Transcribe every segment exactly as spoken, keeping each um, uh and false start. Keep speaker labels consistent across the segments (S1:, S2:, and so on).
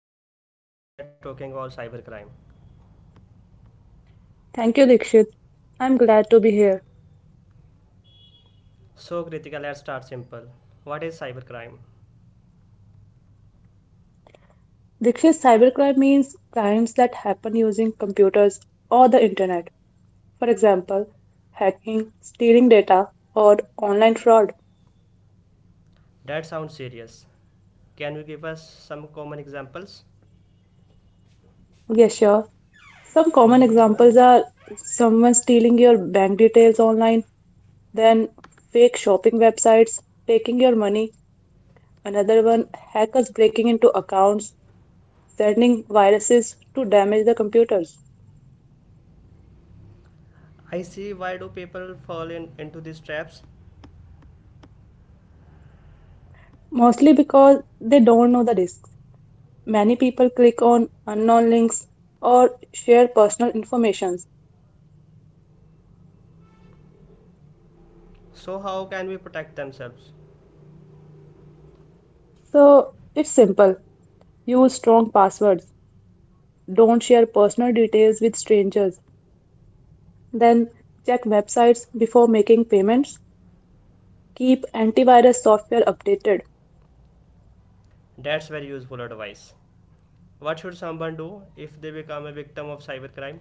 S1: Kritika. Today we are talking about cybercrime.
S2: Thank you, Dikshit. I'm glad to be here.
S1: So Kritika, let's start simple. What is cybercrime?
S2: Dikshit, cybercrime means crimes that happen using computers or the internet. For example, hacking, stealing data, or online fraud.
S1: That sounds serious. Can you give us some common examples?
S2: Yes, sure. Some common examples are someone stealing your bank details online, then fake shopping websites taking your money, another one, hackers breaking into accounts, sending viruses to damage the computers.
S1: I see, why do people fall in, into these traps?
S2: Mostly because they don't know the risks. Many people click on unknown links or share personal information.
S1: So how can we protect themselves?
S2: So it's simple. Use strong passwords. Don't share personal details with strangers. Then check websites before making payments. Keep antivirus software updated.
S1: That's very useful advice. What should someone do if they become a victim of cybercrime?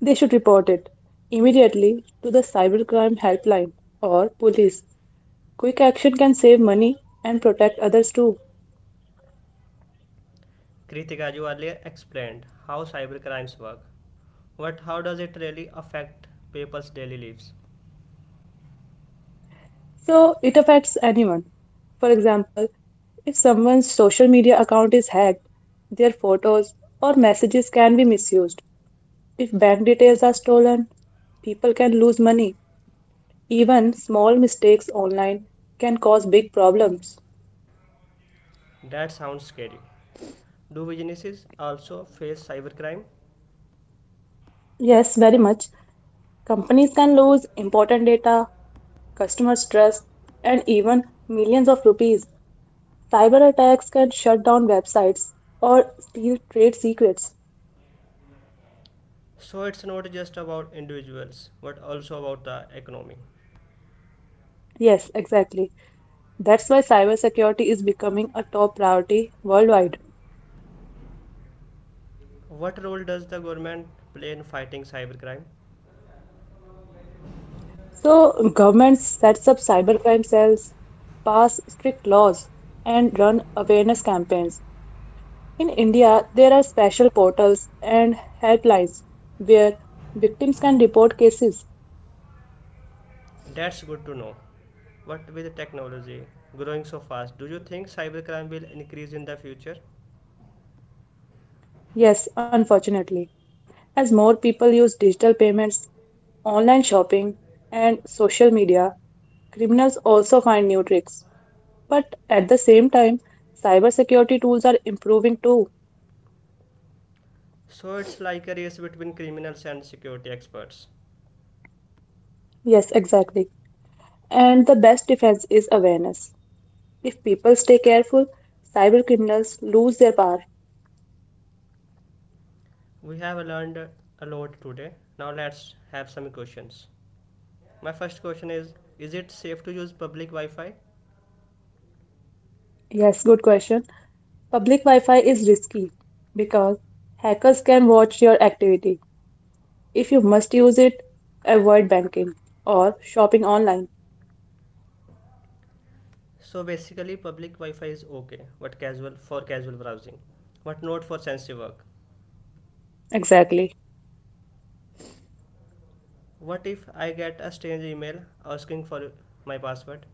S2: They should report it immediately to the cybercrime helpline or police. Quick action can save money and protect others too.
S1: Kritika, you earlier explained how cybercrimes work, but how does it really affect people's daily lives?
S2: So it affects anyone. For example, if someone's social media account is hacked, their photos or messages can be misused. If bank details are stolen, people can lose money. Even small mistakes online can cause big problems.
S1: That sounds scary. Do businesses also face cybercrime?
S2: Yes, very much. Companies can lose important data, customers' trust, and even millions of rupees. Cyber attacks can shut down websites or steal trade secrets.
S1: So it's not just about individuals, but also about the economy.
S2: Yes, exactly. That's why cybersecurity is becoming a top priority worldwide.
S1: What role does the government play in fighting cybercrime?
S2: So governments sets up cybercrime cells, pass strict laws, and run awareness campaigns. In India, there are special portals and helplines where victims can report cases.
S1: That's good to know. But with technology growing so fast, do you think cybercrime will increase in the future?
S2: Yes, unfortunately, as more people use digital payments, online shopping, and social media, criminals also find new tricks. But at the same time, cybersecurity tools are improving too.
S1: So it's like a race between criminals and security experts.
S2: Yes, exactly. And the best defense is awareness. If people stay careful, cyber criminals lose their power.
S1: We have learned a lot today. Now let's have some questions. My first question is Is it safe to use public Wi Fi?
S2: Yes, good question. Public Wi Fi is risky because hackers can watch your activity. If you must use it, avoid banking or shopping online.
S1: So basically, public Wi Fi is okay, but casual for casual browsing, but not for sensitive work.
S2: Exactly.
S1: What if I get a strange email asking for my password?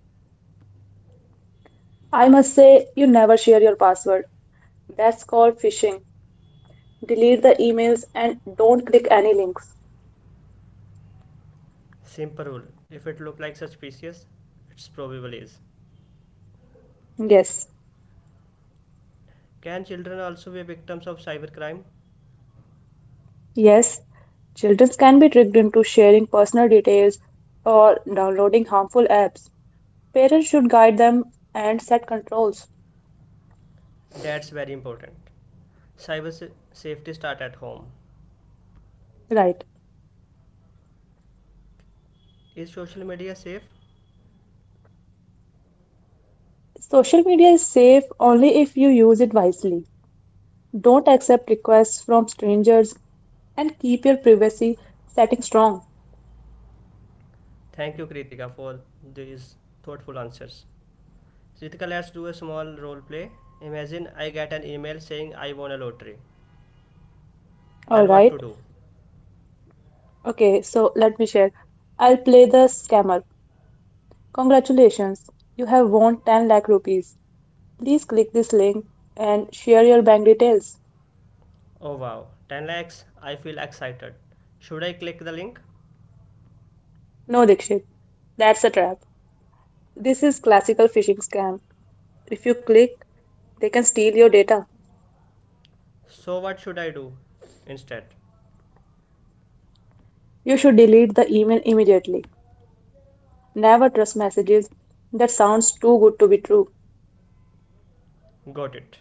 S2: I must say, you never share your password. That's called phishing. Delete the emails and don't click any links.
S1: Simple rule, if it looks like suspicious, it's probably is.
S2: Yes,
S1: Can children also be victims of cybercrime?
S2: yes, children can be tricked into sharing personal details or downloading harmful apps. Parents should guide them and set controls.
S1: That's very important. Cyber safety start at home.
S2: Right.
S1: Is social media safe?
S2: Social media is safe only if you use it wisely. Don't accept requests from strangers and keep your privacy setting strong.
S1: Thank you, Kritika, for these thoughtful answers. Kritika, let's do a small role play. Imagine I get an email saying I won a lottery.
S2: All
S1: Then what to
S2: right.
S1: do?
S2: Okay, so let me share. I'll play the scammer. Congratulations, you have won ten lakh rupees. Please click this link and share your bank details.
S1: Oh wow, ten lakhs, I feel excited. Should I click the link?
S2: No, Dikshit, that's a trap. This is classical phishing scam. If you click, they can steal your data.
S1: So what should I do instead?
S2: You should delete the email immediately. Never trust messages that sounds too good to be true.
S1: Got it.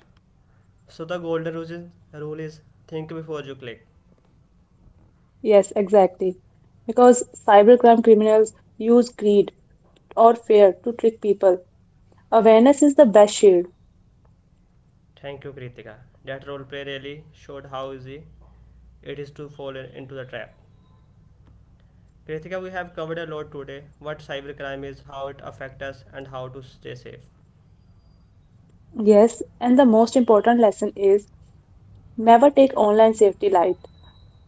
S1: So the golden rule is, rule is think before you click.
S2: Yes, exactly. Because cybercrime criminals use greed or fear to trick people. Awareness is the best shield.
S1: Thank you, Kritika. That role play really showed how easy it is to fall into the trap. Kritika, we have covered a lot today, what cybercrime is, how it affects us, and how to stay safe.
S2: Yes, and the most important lesson is never take online safety light.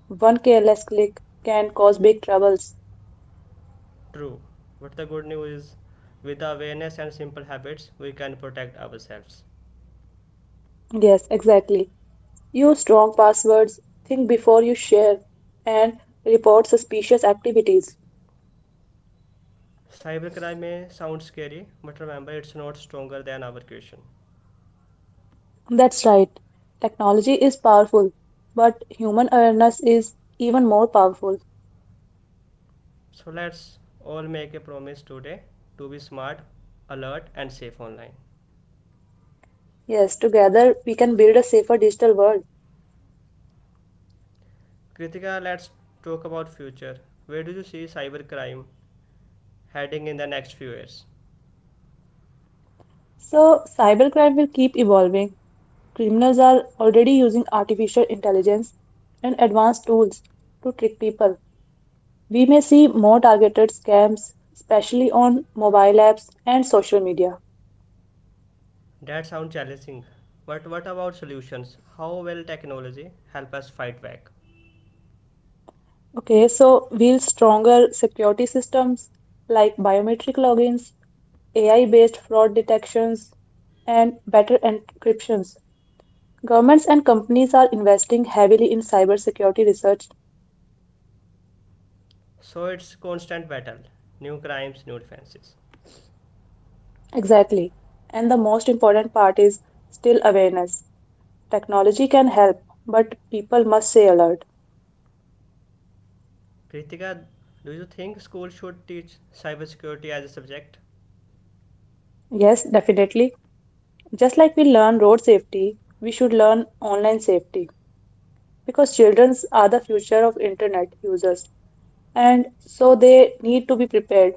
S2: One careless click can cause big troubles.
S1: True, but the good news is, with awareness and simple habits, we can protect ourselves.
S2: Yes, exactly. Use strong passwords, think before you share, and report suspicious activities.
S1: Cybercrime may sound scary, but remember it's not stronger than our caution.
S2: That's right. Technology is powerful, but human awareness is even more powerful.
S1: So let's all make a promise today to be smart, alert, and safe online.
S2: Yes, together we can build a safer digital world.
S1: Kritika, let's talk about future. Where do you see cybercrime heading in the next few years?
S2: So, cybercrime will keep evolving. Criminals are already using artificial intelligence and advanced tools to trick people. We may see more targeted scams, especially on mobile apps and social media.
S1: That sounds challenging. But what about solutions? How will technology help us fight back?
S2: Okay, so will stronger security systems like biometric logins, A I-based fraud detections, and better encryptions. Governments and companies are investing heavily in cybersecurity research.
S1: So it's constant battle. New crimes, new defenses.
S2: Exactly. And the most important part is still awareness. Technology can help, but people must stay alert.
S1: Kritika, do you think schools should teach cybersecurity as a subject?
S2: Yes, definitely. Just like we learn road safety, we should learn online safety, because children are the future of internet users and so they need to be prepared.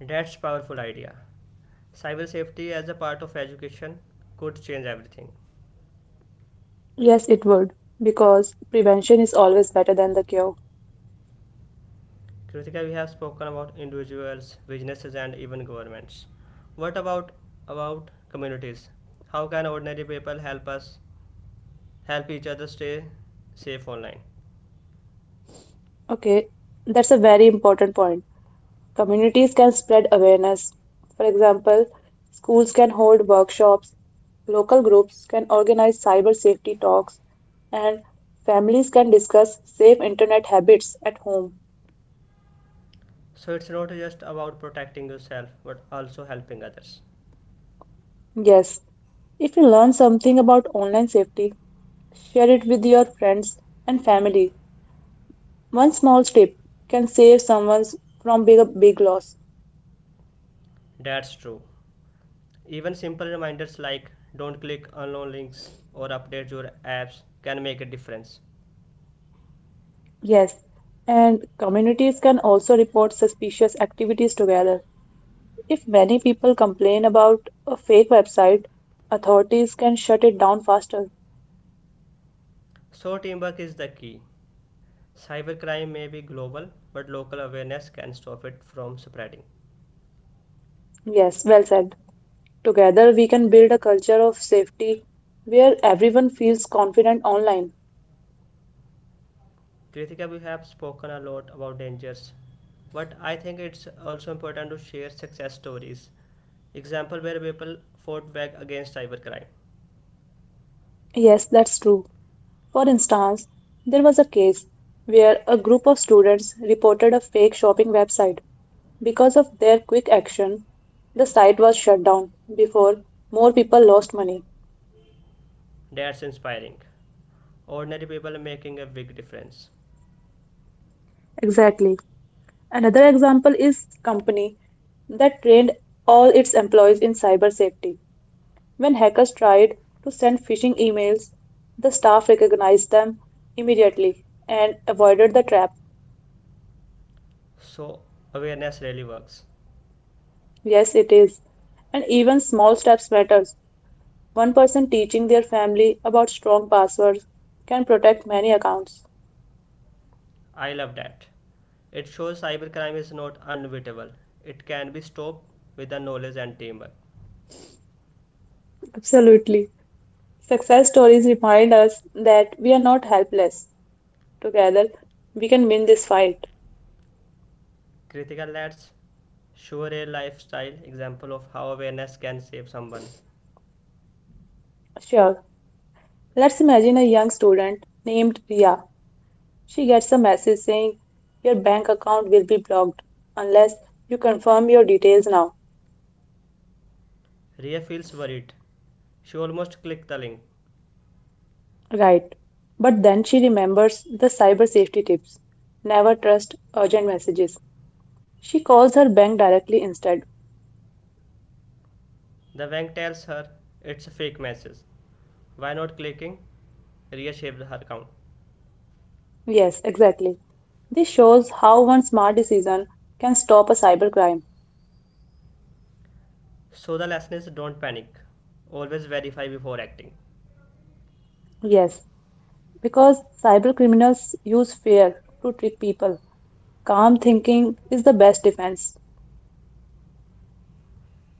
S1: That's powerful idea. Cyber safety as a part of education could change everything.
S2: Yes, it would, because prevention is always better than the cure.
S1: Kritika, we have spoken about individuals, businesses, and even governments. What about about communities? How can ordinary people help us help each other stay safe online.
S2: Okay, that's a very important point. Communities can spread awareness. For example, schools can hold workshops, local groups can organize cyber safety talks, and families can discuss safe internet habits at home.
S1: So it's not just about protecting yourself but also helping others.
S2: Yes, if you learn something about online safety, share it with your friends and family. One small step can save someone from big, big loss.
S1: That's true. Even simple reminders like don't click unknown links or update your apps can make a difference.
S2: Yes, and communities can also report suspicious activities together. If many people complain about a fake website, authorities can shut it down faster.
S1: So teamwork is the key. Cybercrime may be global, but local awareness can stop it from spreading.
S2: Yes, well said. Together, we can build a culture of safety where everyone feels confident online.
S1: Kritika, we have spoken a lot about dangers, but I think it's also important to share success stories. Example where people fought back against cybercrime.
S2: Yes, that's true. For instance, there was a case where a group of students reported a fake shopping website. Because of their quick action, the site was shut down before more people lost money.
S1: That's inspiring. Ordinary people making a big difference.
S2: Exactly. Another example is company that trained all its employees in cyber safety. When hackers tried to send phishing emails, the staff recognized them immediately and avoided the trap.
S1: So awareness really works.
S2: Yes, it is. And even small steps matters. One person teaching their family about strong passwords can protect many accounts.
S1: I love that. It shows cybercrime is not unbeatable. It can be stopped with the knowledge and teamwork.
S2: Absolutely. Success stories remind us that we are not helpless. Together, we can win this fight.
S1: Kritika, let's show a lifestyle example of how awareness can save someone.
S2: Sure. Let's imagine a young student named Ria. She gets a message saying, your bank account will be blocked unless you confirm your details now.
S1: Ria feels worried. She almost clicked the link.
S2: Right. But then she remembers the cyber safety tips. Never trust urgent messages. She calls her bank directly instead.
S1: The bank tells her it's a fake message. Why not clicking? Ria saved her account.
S2: Yes, exactly. This shows how one smart decision can stop a cybercrime.
S1: So the lesson is don't panic. Always verify before acting.
S2: Yes, because cybercriminals use fear to trick people. Calm thinking is the best defense.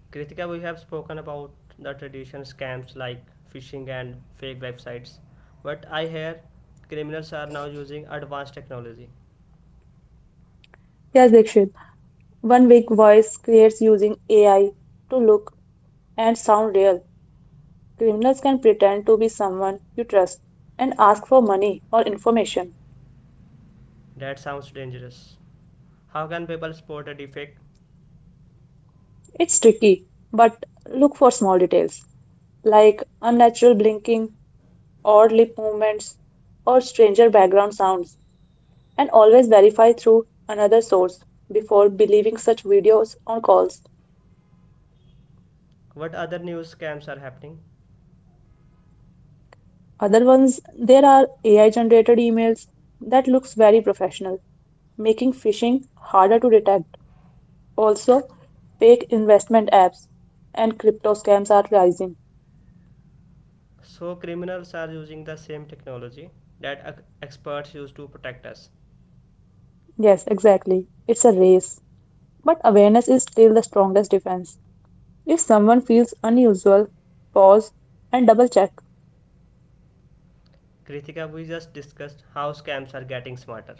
S1: Kritika, we have spoken about the traditional scams like phishing and fake websites. But I hear criminals are now using advanced technology.
S2: Yes, Dikshit. One weak voice creates using A I to look and sound real. Criminals can pretend to be someone you trust and ask for money or information.
S1: That sounds dangerous. How can people spot a defect?
S2: It's tricky, but look for small details like unnatural blinking, odd lip movements, or stranger background sounds, and always verify through another source before believing such videos or calls.
S1: What other news scams are happening?
S2: Other ones, there are A I generated emails that looks very professional, making phishing harder to detect. Also, fake investment apps and crypto scams are rising.
S1: So, criminals are using the same technology that experts use to protect us.
S2: Yes, exactly. It's a race. But awareness is still the strongest defense. If someone feels unusual, pause and double check.
S1: Kritika, we just discussed how scams are getting smarter.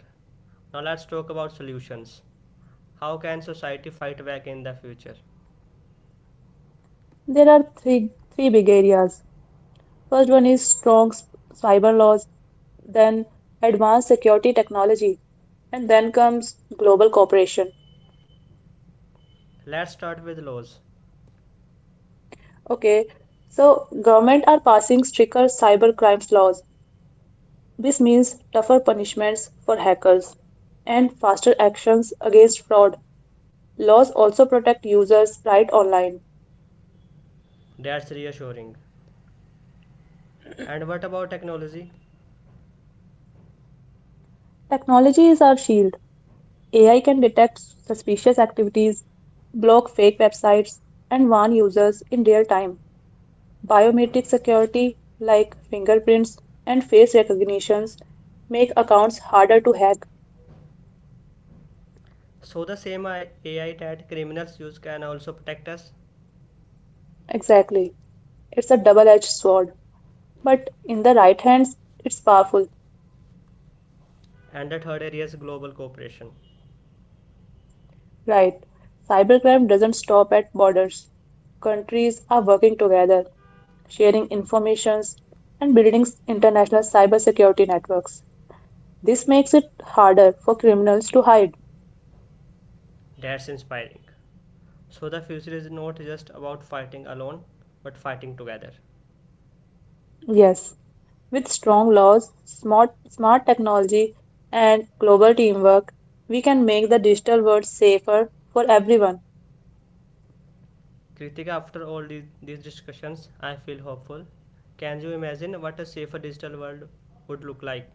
S1: Now, let's talk about solutions. How can society fight back in the future?
S2: There are three, three big areas. First one is strong s- cyber laws, then advanced security technology, and then comes global cooperation.
S1: Let's start with laws.
S2: Okay, so government are passing stricter cyber crimes laws. This means tougher punishments for hackers and faster actions against fraud. Laws also protect users' right online.
S1: That's reassuring. And what about technology?
S2: Technology is our shield. A I can detect suspicious activities, block fake websites, and warn users in real time. Biometric security, like fingerprints and face recognitions, make accounts harder to hack.
S1: So, the same A I that criminals use can also protect us.
S2: Exactly. It's a double edged sword, but in the right hands, it's powerful.
S1: And the third area is global cooperation.
S2: Right. Cybercrime doesn't stop at borders. Countries are working together, sharing informations and building international cybersecurity networks. This makes it harder for criminals to hide.
S1: That's inspiring. So the future is not just about fighting alone, but fighting together.
S2: Yes, with strong laws, smart smart technology and global teamwork, we can make the digital world safer for everyone.
S1: Kritika, after all these, these discussions, I feel hopeful. Can you imagine what a safer digital world would look like?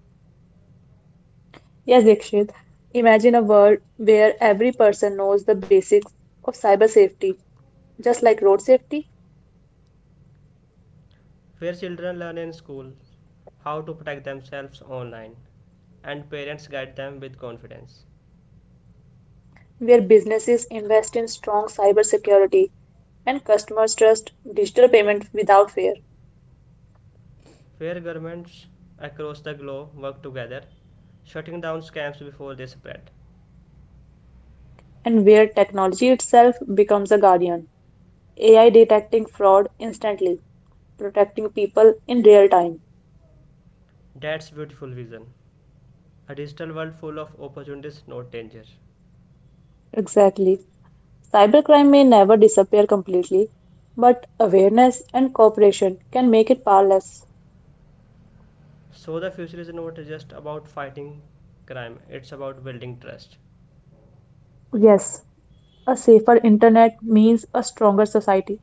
S2: Yes, Dikshit. Imagine a world where every person knows the basics of cyber safety, just like road safety,
S1: Where children learn in school how to protect themselves online, and parents guide them with confidence.
S2: where businesses invest in strong cybersecurity and customers trust digital payment without fear,
S1: Where governments across the globe work together, shutting down scams before they spread.
S2: and where technology itself becomes a guardian, A I detecting fraud instantly, protecting people in real time.
S1: That's beautiful vision. A digital world full of opportunities, not danger.
S2: Exactly. Cybercrime may never disappear completely, but awareness and cooperation can make it powerless.
S1: So the future is not just about fighting crime, it's about building trust.
S2: Yes, a safer internet means a stronger society.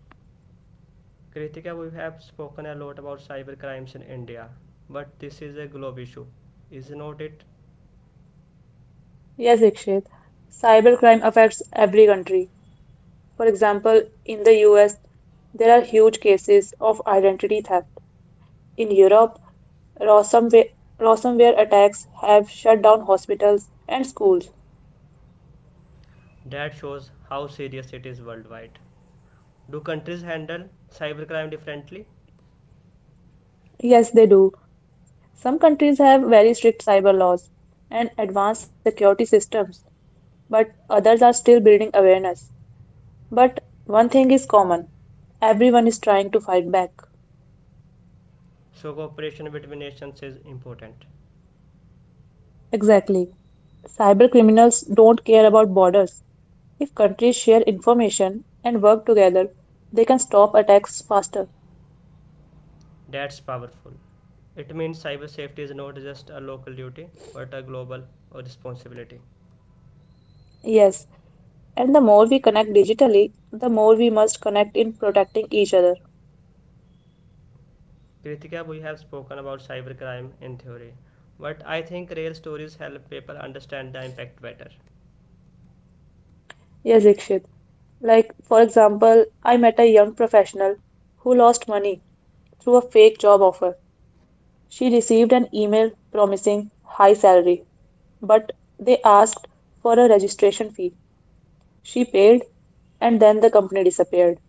S1: Kritika, we have spoken a lot about cyber crimes in India, but this is a global issue, is not it?
S2: Yes, Ikshit. Cybercrime affects every country. For example, in the U S, there are huge cases of identity theft. In Europe, ransomware, ransomware attacks have shut down hospitals and schools.
S1: That shows how serious it is worldwide. Do countries handle cybercrime differently?
S2: Yes, they do. Some countries have very strict cyber laws and advanced security systems, but others are still building awareness. But one thing is common, everyone is trying to fight back.
S1: So cooperation between nations is important.
S2: Exactly. Cyber criminals don't care about borders. If countries share information and work together, they can stop attacks faster.
S1: That's powerful. It means cyber safety is not just a local duty, but a global responsibility.
S2: Yes, and the more we connect digitally, the more we must connect in protecting each other.
S1: Kritika, we have spoken about cybercrime in theory, but I think real stories help people understand the impact better.
S2: Yes, Ikshit. Like, for example, I met a young professional who lost money through a fake job offer. She received an email promising high salary, but they asked for a registration fee. She paid, and then the company disappeared.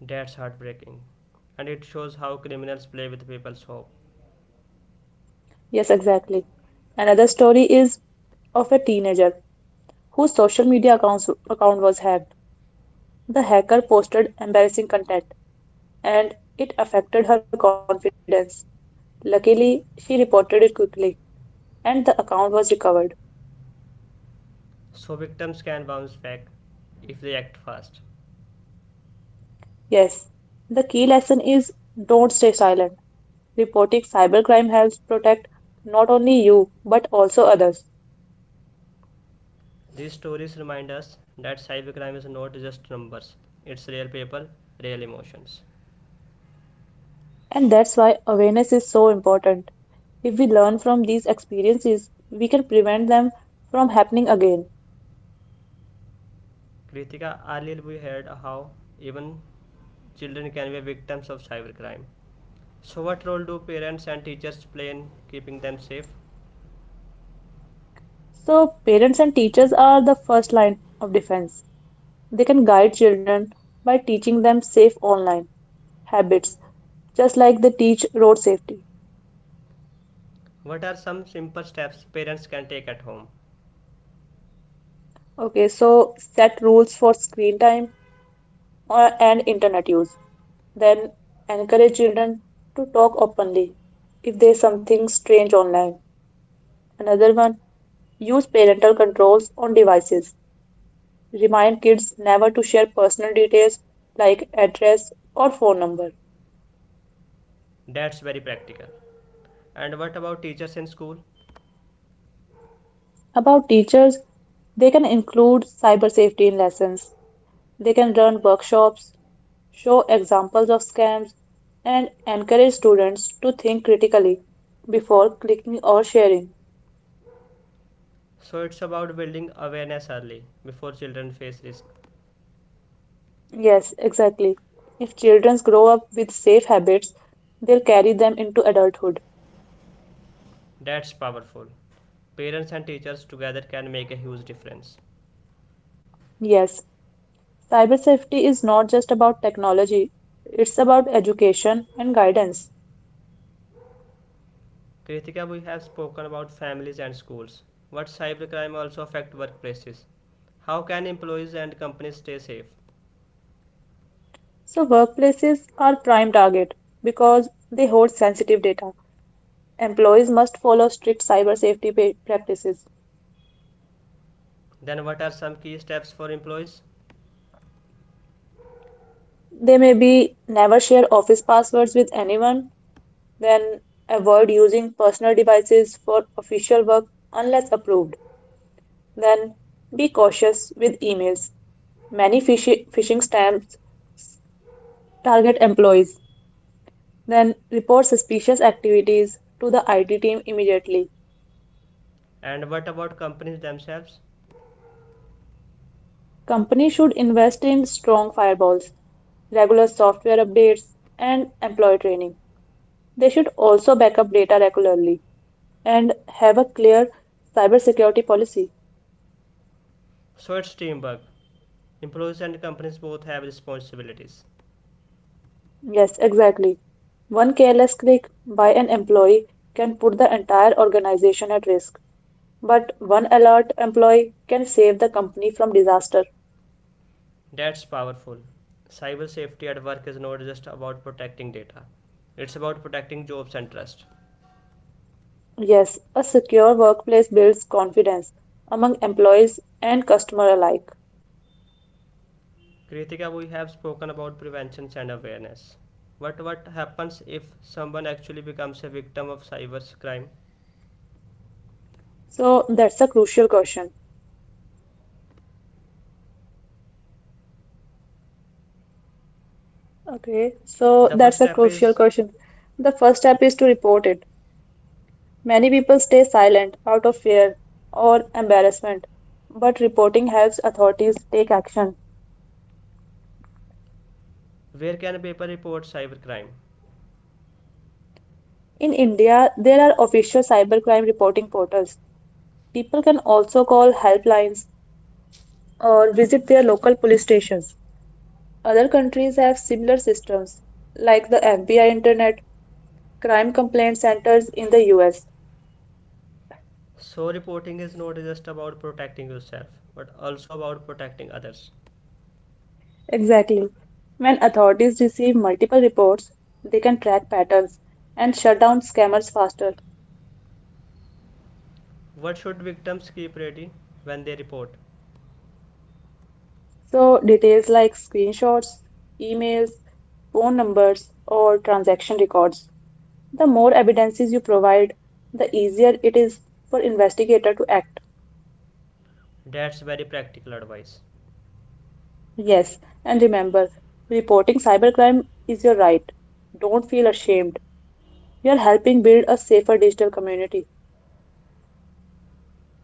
S1: That's heartbreaking, and it shows how criminals play with people's hope,
S2: Yes, exactly. Another story is of a teenager whose social media accounts, account was hacked. The hacker posted embarrassing content, and it affected her confidence. Luckily, she reported it quickly, and the account was recovered.
S1: so victims can bounce back if they act fast.
S2: Yes, the key lesson is don't stay silent. Reporting cybercrime helps protect not only you but also others.
S1: These stories remind us that cybercrime is not just numbers, it's real people, real emotions.
S2: And that's why awareness is so important. If we learn from these experiences, we can prevent them from happening again.
S1: Kritika, earlier we heard how even children can be victims of cybercrime. So, what role do parents and teachers play in keeping them safe?
S2: So, parents and teachers are the first line of defense. They can guide children by teaching them safe online habits, just like they teach road safety.
S1: What are some simple steps parents can take at home?
S2: Okay, so set rules for screen time or, and internet use. Then encourage children to talk openly if there's something strange online. Another one, use parental controls on devices. Remind kids never to share personal details like address or phone number.
S1: That's very practical. And what about teachers in school?
S2: About teachers, they can include cyber safety in lessons. They can run workshops, show examples of scams, and encourage students to think critically before clicking or sharing.
S1: So, it's about building awareness early before children face risk.
S2: Yes, exactly. If children grow up with safe habits, they'll carry them into adulthood.
S1: That's powerful. Parents and teachers together can make a huge difference.
S2: Yes, cyber safety is not just about technology, it's about education and guidance.
S1: Kritika, we have spoken about families and schools. What cybercrime also affect workplaces? How can employees and companies stay safe?
S2: So, workplaces are prime target because they hold sensitive data. Employees must follow strict cyber safety pa- practices.
S1: Then what are some key steps for employees?
S2: They may be never share office passwords with anyone, then avoid using personal devices for official work unless approved. Then be cautious with emails. Many phishi- phishing stamps target employees. Then report suspicious activities to the I T team immediately.
S1: And what about companies themselves?
S2: Companies should invest in strong firewalls, regular software updates, and employee training. They should also back up data regularly and have a clear cybersecurity policy.
S1: So it's teamwork. Employees and companies both have responsibilities.
S2: Yes, exactly. One careless click by an employee can put the entire organization at risk, but one alert employee can save the company from disaster.
S1: That's powerful. Cyber safety at work is not just about protecting data, it's about protecting jobs and trust.
S2: Yes, a secure workplace builds confidence among employees and customer alike.
S1: Kritika, we have spoken about prevention and awareness. But what happens if someone actually becomes a victim of cyber crime?
S2: So that's a crucial question. Okay, so
S1: The first
S2: that's a
S1: step
S2: crucial
S1: is,
S2: question. The first step is to report it. Many people stay silent out of fear or embarrassment, but reporting helps authorities take action.
S1: where can people report cybercrime?
S2: In India, there are official cybercrime reporting portals. People can also call helplines or visit their local police stations. Other countries have similar systems, like the F B I Internet Crime Complaint Centers in the U S.
S1: So, reporting is not just about protecting yourself, but also about protecting others.
S2: Exactly. When authorities receive multiple reports, they can track patterns and shut down scammers faster.
S1: What should victims keep ready when they report?
S2: So, details like screenshots, emails, phone numbers, or transaction records. The more evidences you provide, the easier it is for investigator to act.
S1: That's very practical advice.
S2: Yes, and remember, reporting cybercrime is your right. Don't feel ashamed. You're helping build a safer digital community.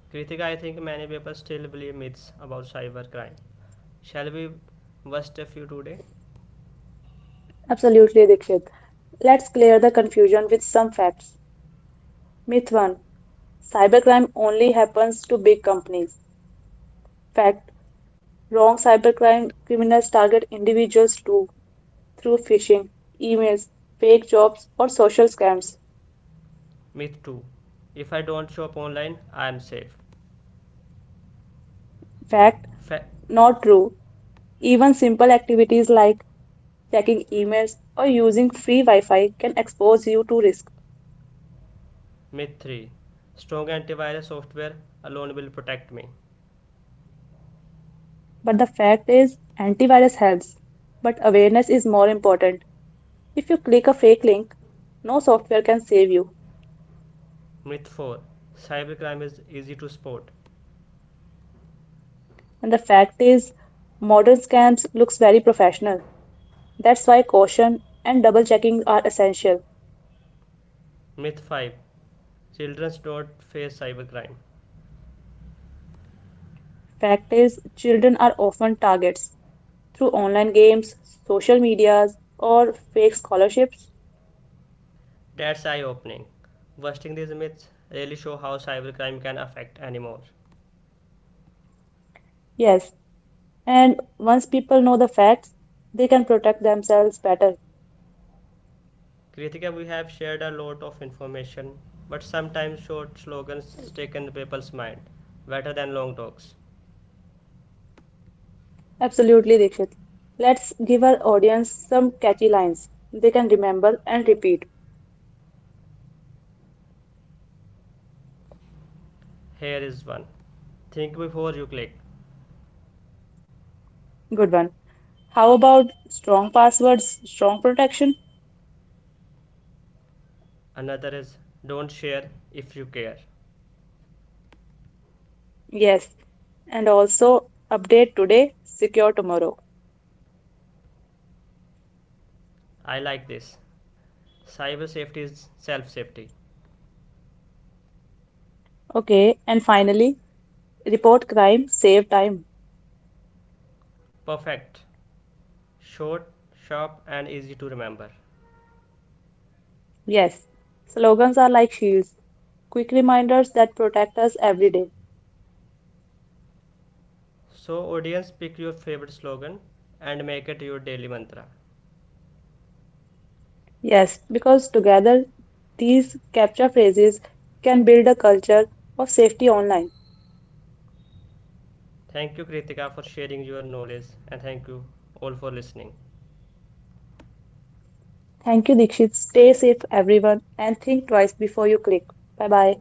S1: Kritika, I think many people still believe myths about cybercrime. Shall we bust a few today?
S2: Absolutely, Dikshit. Let's clear the confusion with some facts. Myth one: cybercrime only happens to big companies. Fact: wrong, cybercrime criminals target individuals too through phishing, emails, fake jobs, or social scams.
S1: Myth two, if I don't shop online, I am safe.
S2: Fact:
S1: Fa-
S2: not true. Even simple activities like checking emails or using free Wi Fi can expose you to risk.
S1: Myth three, strong antivirus software alone will protect me.
S2: But the fact is, antivirus helps. But awareness is more important. If you click a fake link, no software can save you.
S1: Myth four, cybercrime is easy to spot.
S2: And the fact is, modern scams looks very professional. That's why caution and double checking are essential.
S1: Myth five, children don't face cybercrime.
S2: Fact is, children are often targets through online games, social medias, or fake scholarships.
S1: That's eye opening. Busting these myths really show how cybercrime can affect anymore.
S2: Yes, and once people know the facts, they can protect themselves better.
S1: Kritika, we have shared a lot of information, but sometimes short slogans stick in the people's mind better than long talks.
S2: Absolutely, Dikshit. Let's give our audience some catchy lines they can remember and repeat.
S1: Here is one, think before you click.
S2: Good one. How about strong passwords, strong protection?
S1: Another is, don't share if you care.
S2: Yes. And also, update today, secure tomorrow.
S1: I like this. Cyber safety is self safety.
S2: Okay. And finally, report crime, save time.
S1: Perfect. Short, sharp, and easy to remember.
S2: Yes. Slogans are like shields, quick reminders that protect us every day.
S1: So, audience, pick your favorite slogan and make it your daily mantra.
S2: Yes, because together these capture phrases can build a culture of safety online.
S1: Thank you, Kritika, for sharing your knowledge, and thank you all for listening.
S2: Thank you, Dikshit. Stay safe, everyone, and think twice before you click. Bye bye.